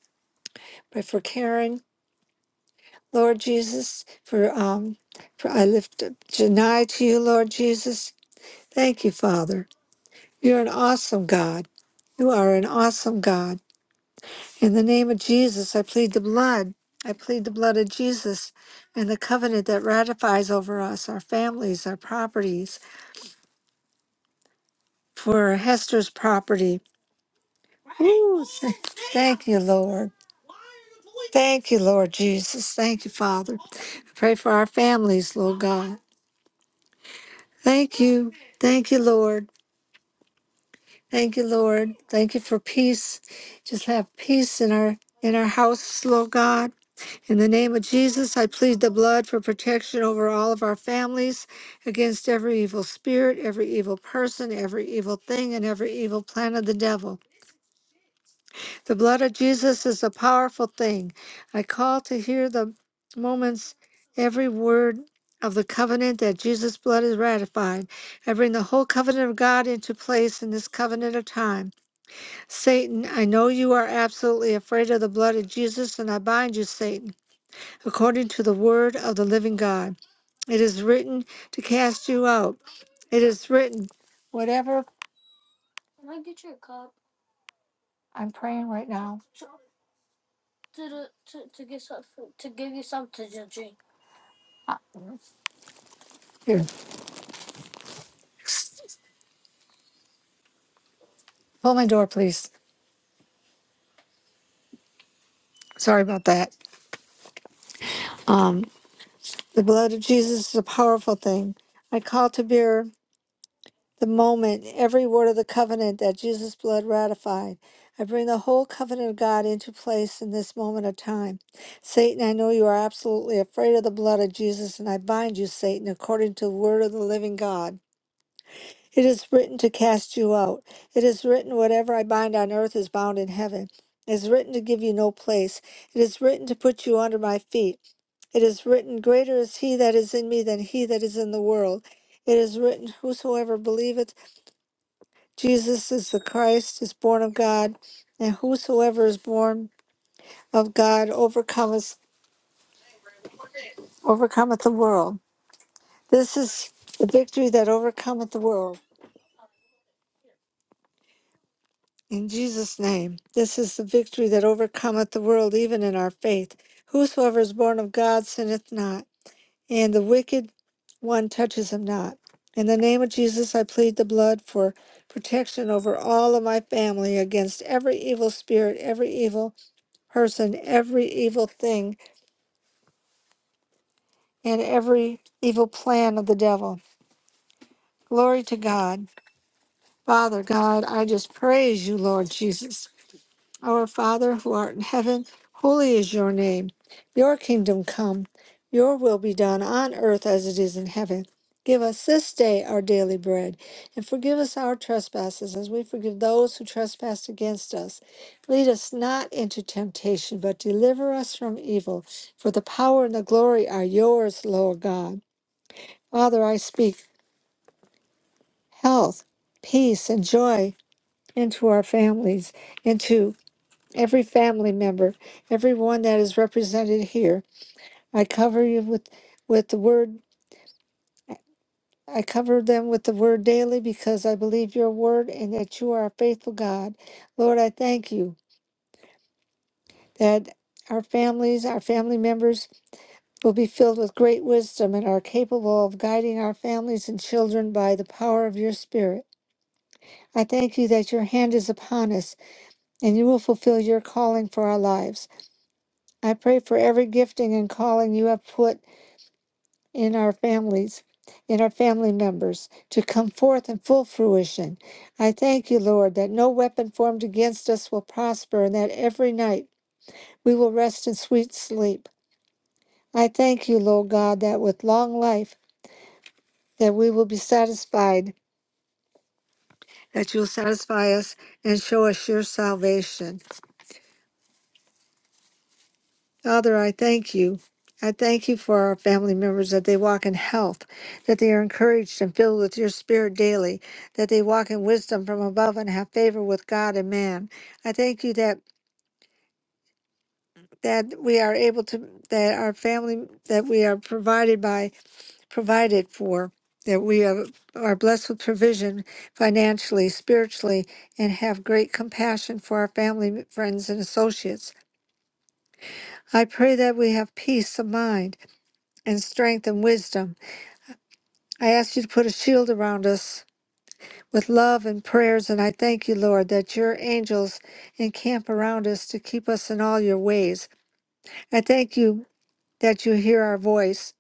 [SPEAKER 3] pray for Karen, Lord Jesus, for um, for I lift up Janai to you, Lord Jesus. Thank you, Father. You're an awesome God. You are an awesome God. In the name of Jesus, I plead the blood. I plead the blood of Jesus and the covenant that ratifies over us, our families, our properties, for Hester's property. Ooh, th- thank you, Lord. Thank you, Lord Jesus. Thank you, Father. I pray for our families, Lord God. Thank you. Thank you, Lord. Thank you, Lord. Thank you for peace. Just have peace in our in our house, Lord God. In the name of Jesus, I plead the blood for protection over all of our families against every evil spirit, every evil person, every evil thing, and every evil plan of the devil. The blood of Jesus is a powerful thing. I call to hear the moments, every word of the covenant that Jesus' blood is ratified. I bring the whole covenant of God into place in this covenant of time. Satan, I know you are absolutely afraid of the blood of Jesus, and I bind you, Satan according to the word of the living God. It is written to cast you out. It is written, whatever I'm praying right now. uh, Here, pull my door, please. Sorry about that. Um, the blood of Jesus is a powerful thing. I call to bear the moment every word of the covenant that Jesus' blood ratified. I bring the whole covenant of God into place in this moment of time. Satan, I know you are absolutely afraid of the blood of Jesus, and I bind you, Satan, according to the word of the living God. It is written to cast you out. It is written, whatever I bind on earth is bound in heaven. It is written to give you no place. It is written to put you under my feet. It is written, Greater is he that is in me than he that is in the world. It is written, Whosoever believeth, Jesus is the Christ, is born of God, and whosoever is born of God overcometh overcometh the world. This is the victory that overcometh the world. In Jesus' name, this is the victory that overcometh the world, even in our faith. Whosoever is born of God sinneth not, and the wicked one touches him not. In the name of Jesus, I plead the blood for protection over all of my family against every evil spirit, every evil person every evil thing and every evil plan of the devil. Glory to God. Father God, I just praise you, Lord Jesus. Our Father who art in heaven, holy is your name. Your kingdom come, your will be done on earth as it is in heaven. Give us this day our daily bread, and forgive us our trespasses as we forgive those who trespass against us. Lead us not into temptation, but deliver us from evil. For the power and the glory are yours, Lord God. Father, I speak health, peace, and joy into our families, into every family member, everyone that is represented here. I cover you with, with the word. I cover them with the word daily because I believe your word and that you are a faithful God. Lord, I thank you that our families, our family members will be filled with great wisdom and are capable of guiding our families and children by the power of your spirit. I thank you that your hand is upon us and you will fulfill your calling for our lives. I pray for every gifting and calling you have put in our families, in our family members, to come forth in full fruition. I thank you, Lord, that no weapon formed against us will prosper and that every night we will rest in sweet sleep. I thank you, Lord God, that with long life that we will be satisfied, that you'll satisfy us and show us your salvation. Father, I thank you. I thank you for our family members that they walk in health, that they are encouraged and filled with your spirit daily, that they walk in wisdom from above and have favor with God and man. I thank you that that we are able to that our family that we are provided by provided for that we are, are blessed with provision financially, spiritually, and have great compassion for our family, friends, and associates. I pray that we have peace of mind and strength and wisdom. I ask you to put a shield around us with love and prayers, and I thank you, Lord, that your angels encamp around us to keep us in all your ways. I thank you that you hear our voice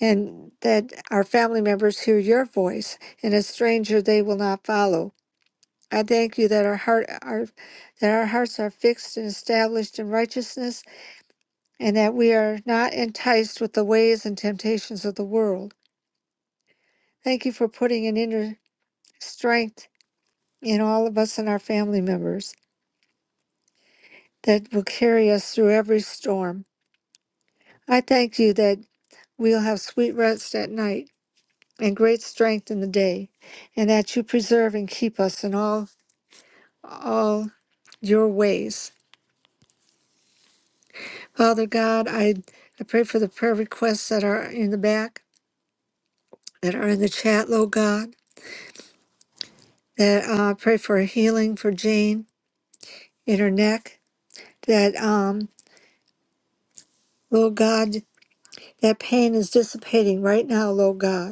[SPEAKER 3] and that our family members hear your voice, and a stranger they will not follow. I thank you that our heart our, that our hearts are fixed and established in righteousness, and that we are not enticed with the ways and temptations of the world. Thank you for putting an inner strength in all of us and our family members that will carry us through every storm. I thank you that we'll have sweet rest at night and great strength in the day, and that you preserve and keep us in all all your ways. Father God, I, I pray for the prayer requests that are in the back, that are in the chat, Lord God, that uh, I pray for healing for Jane in her neck, that, um, Lord God, that pain is dissipating right now, Lord God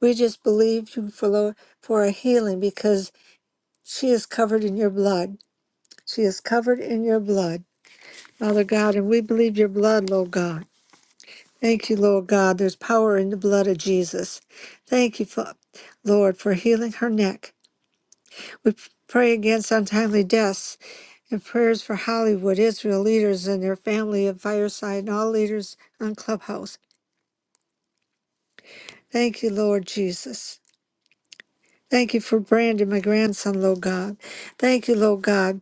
[SPEAKER 3] We just believe you for, lo- for a healing because she is covered in your blood. She is covered in your blood, Father God, and we believe your blood, Lord God. Thank you, Lord God. There's power in the blood of Jesus. Thank you, Fa- Lord, for healing her neck. We p- pray against untimely deaths and prayers for Hollywood, Israel leaders and their family of Fireside, and all leaders on Clubhouse. Thank you, Lord Jesus. Thank you for Brandon, my grandson, Lord God. Thank you, Lord God.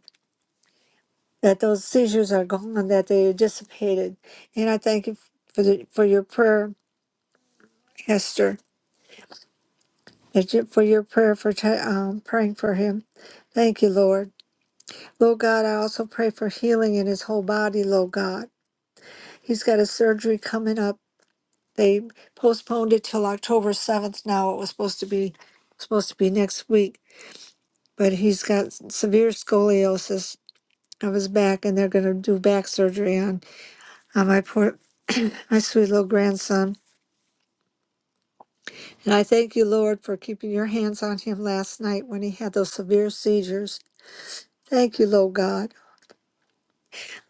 [SPEAKER 3] that those seizures are gone, that they dissipated. And I thank you for the, for your prayer, Esther, that you, for your prayer for Ti- um, praying for him. Thank you, Lord. Lord God, I also pray for healing in his whole body, Lord God. He's got a surgery coming up. They postponed it till October 7th now. It was supposed to be supposed to be next week, but he's got severe scoliosis of his back and they're going to do back surgery on on my poor my sweet little grandson And I thank you, Lord, for keeping your hands on him last night when he had those severe seizures. Thank you, Lord God.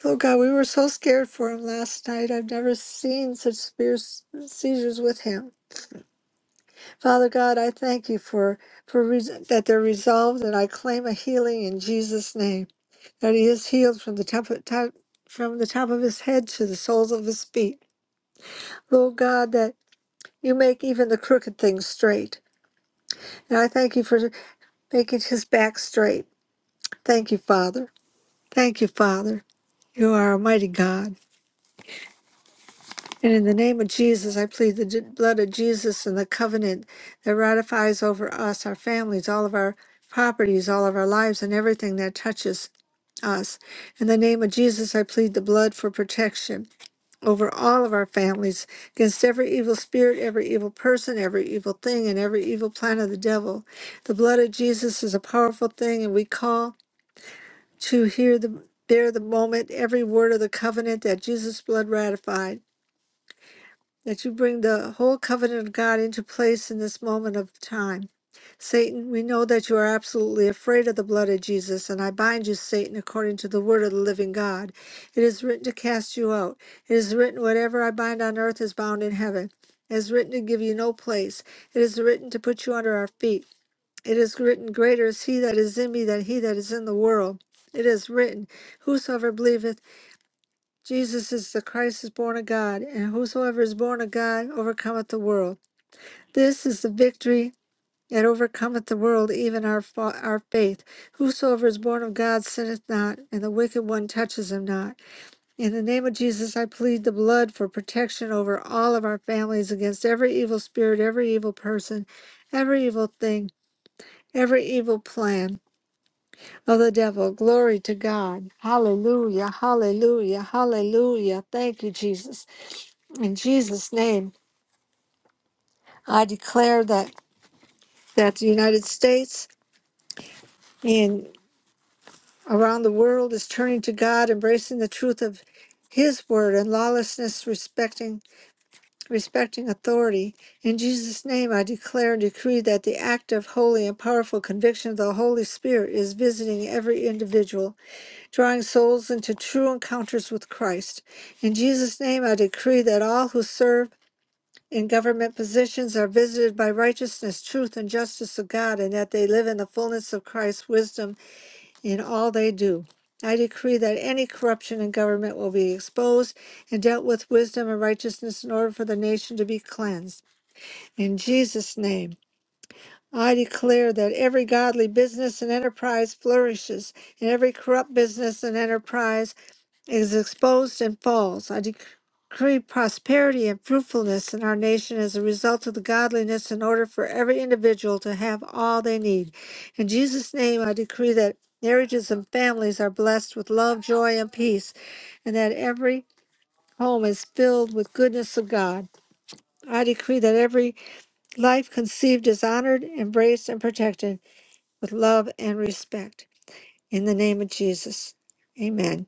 [SPEAKER 3] Lord God, we were so scared for him last night. I've never seen such severe s- seizures with him. Father God, I thank you for, for res- that they're resolved, and I claim a healing in Jesus' name. That he is healed from the top of, top, from the top of his head to the soles of his feet. Lord God, that you make even the crooked things straight. And I thank you for making his back straight. Thank you, Father. Thank you, Father. You are a mighty God. And in the name of Jesus, I plead the d- blood of Jesus and the covenant that ratifies over us, our families, all of our properties, all of our lives, and everything that touches us. In the name of Jesus, I plead the blood for protection over all of our families against every evil spirit, every evil person, every evil thing, and every evil plan of the devil. The blood of Jesus is a powerful thing, and we call. to hear the there the moment every word of the covenant that Jesus' blood ratified. That you bring the whole covenant of God into place in this moment of time. Satan, we know that you are absolutely afraid of the blood of Jesus, and I bind you, Satan, according to the word of the living God. It is written to cast you out. It is written, whatever I bind on earth is bound in heaven. It is written to give you no place. It is written to put you under our feet. It is written, Greater is he that is in me than he that is in the world. It is written, Whosoever believeth Jesus is the Christ is born of God, and whosoever is born of God overcometh the world. This is the victory that overcometh the world, even our, fa- our faith. Whosoever is born of God sinneth not, and the wicked one touches him not. In the name of Jesus, I plead the blood for protection over all of our families against every evil spirit, every evil person, every evil thing, every evil plan. of the devil. Glory to God. Hallelujah. Hallelujah. Hallelujah. Thank you, Jesus. In Jesus' name, I declare that that the United States and around the world is turning to God, embracing the truth of his word and lawlessness respecting respecting authority. In Jesus' name I declare and decree that the active, holy, and powerful conviction of the Holy Spirit is visiting every individual drawing souls into true encounters with Christ. In Jesus' name, I decree that all who serve in government positions are visited by righteousness, truth, and justice of God, and that they live in the fullness of Christ's wisdom in all they do. I decree that any corruption in government will be exposed and dealt with wisdom and righteousness in order for the nation to be cleansed. In Jesus' name, I declare that every godly business and enterprise flourishes, and every corrupt business and enterprise is exposed and falls. I decree prosperity and fruitfulness in our nation as a result of the godliness in order for every individual to have all they need. In Jesus' name, I decree that marriages and families are blessed with love, joy, and peace, and that every home is filled with goodness of God. I decree that every life conceived is honored, embraced, and protected with love and respect. In the name of Jesus. Amen.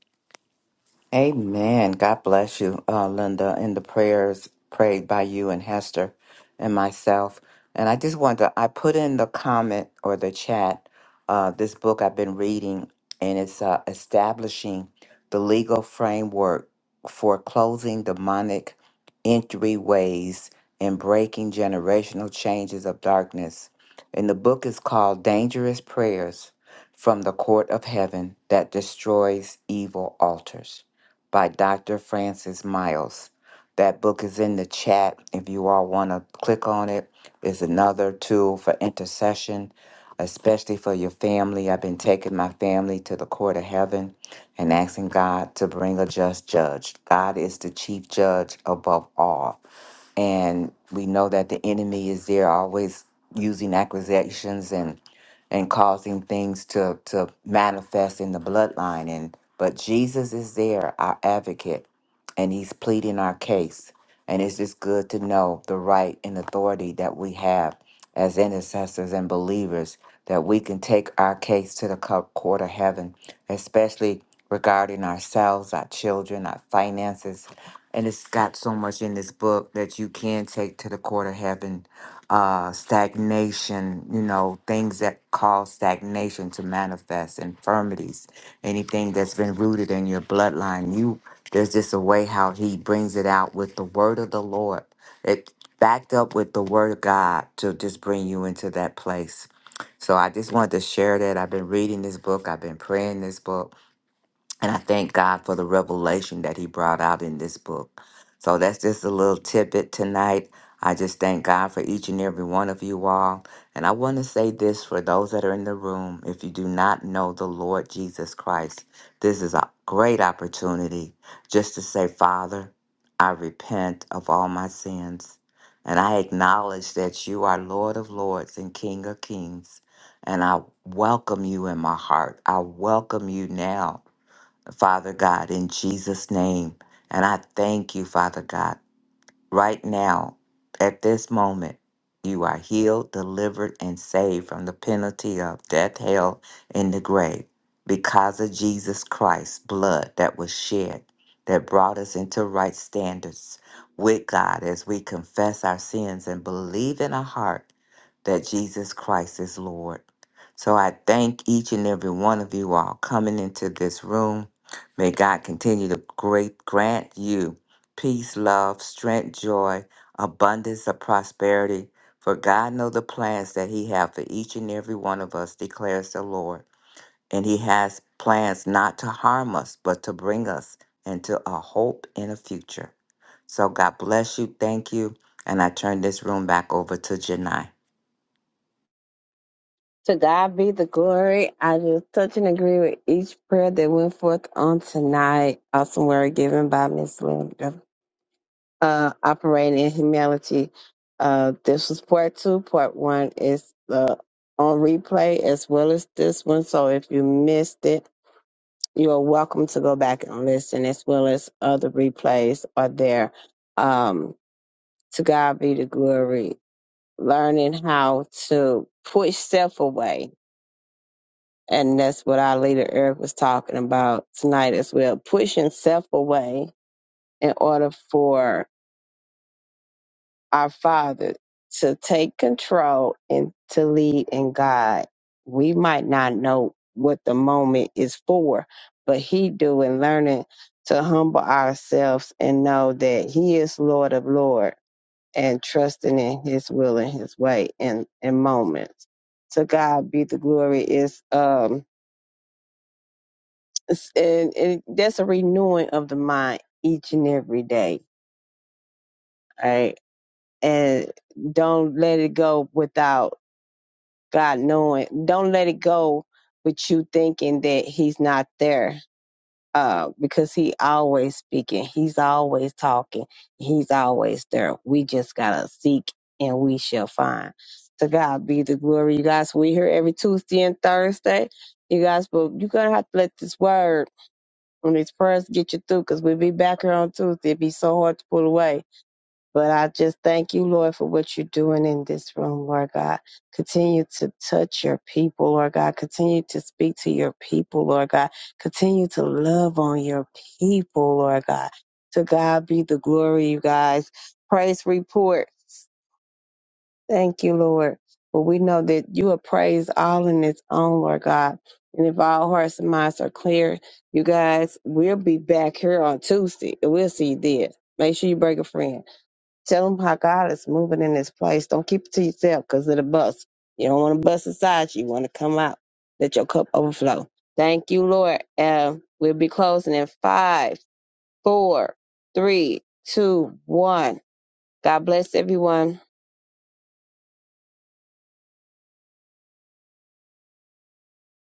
[SPEAKER 2] Amen. God bless you, uh, Linda, and the prayers prayed by you and Hester and myself. And I just wanted to, I put in the comment or the chat uh, this book I've been reading, and it's uh, Establishing the Legal Framework for Closing Demonic Entryways and Breaking Generational Changes of Darkness. And the book is called Dangerous Prayers from the Court of Heaven that Destroys Evil Altars by Dr. Francis Miles. That book is in the chat if you all want to click on it. It's another tool for intercession, especially for your family. I've been taking my family to the court of heaven and asking God to bring a just judge. God is the chief judge above all and we know that the enemy is there always using accusations and and causing things to to manifest in the bloodline and but Jesus is there our advocate and he's pleading our case and it's just good to know the right and authority that we have as intercessors and believers that we can take our case to the co- court of heaven especially regarding ourselves our children our finances and it's got so much in this book that you can take to the court of heaven uh stagnation you know things that cause stagnation to manifest infirmities anything that's been rooted in your bloodline you there's just a way how he brings it out with the word of the lord it backed up with the word of god to just bring you into that place so i just wanted to share that i've been reading this book i've been praying this book and I thank God for the revelation that He brought out in this book. So that's just a little tidbit tonight. I just thank God for each and every one of you all. And I want to say this for those that are in the room if you do not know the Lord Jesus Christ, this is a great opportunity just to say, Father, I repent of all my sins. And I acknowledge that you are Lord of Lords and King of Kings. And I welcome you in my heart. I welcome you now Father God, in Jesus' name. And I thank you, Father God right now, at this moment, you are healed, delivered, and saved from the penalty of death, hell, and the grave because of Jesus Christ's blood that was shed that brought us into right standards with God as we confess our sins and believe in our heart that Jesus Christ is Lord. So I thank each and every one of you all coming into this room. May God continue to great grant you peace, love, strength, joy, abundance of prosperity. For God know the plans that He have for each and every one of us, declares the Lord. And He has plans not to harm us, but to bring us into a hope in a future. So God bless you. Thank you. And I turn this room back over to Janai.
[SPEAKER 1] To God be the glory. I just touch and agree with each prayer that went forth on tonight. Awesome word given by Miss Linda. uh, operating in humility. Uh, this was part two. Part one is uh, on replay as well as this one. So if you missed it, you are welcome to go back and listen, as well as other replays are there. Um, to God be the glory. Learning how to push self away. And that's what our leader Eric was talking about tonight as well. Pushing self away in order for our Father to take control and to lead and guide. We might not know what the moment is for, but He do in learning to humble ourselves and know that He is Lord of Lord and trusting in His will and His way in, in moments. To God be the glory is um it's- and, and that's a renewing of the mind each and every day. Right. And don't let it go without God knowing. Don't let it go with you thinking that he's not there. Uh, because he always speaking, he's always talking, he's always there. We just gotta seek and we shall find. To God be the glory. You guys, we here every Tuesday and Thursday. You guys, but you're gonna have to let this word and these prayers get you through because we'll be back here on Tuesday. It'd be so hard to pull away but I just thank you, Lord, for what you're doing in this room, Lord God. Continue to touch your people, Lord God. Continue to speak to your people, Lord God. Continue to love on your people, Lord God. To God be the glory, you guys. Praise reports. Thank you, Lord. But we know that you are praised all in its own, Lord God. And if our hearts and minds are clear, you guys, we'll be back here on Tuesday and we'll see you there. Make sure you bring a friend. Tell them how God is moving in this place. Don't keep it to yourself because of the bus. You don't want to bust aside. You want to come out. Let your cup overflow. Thank you, Lord. Uh, we'll be closing in five, four, three, two, one. God bless everyone.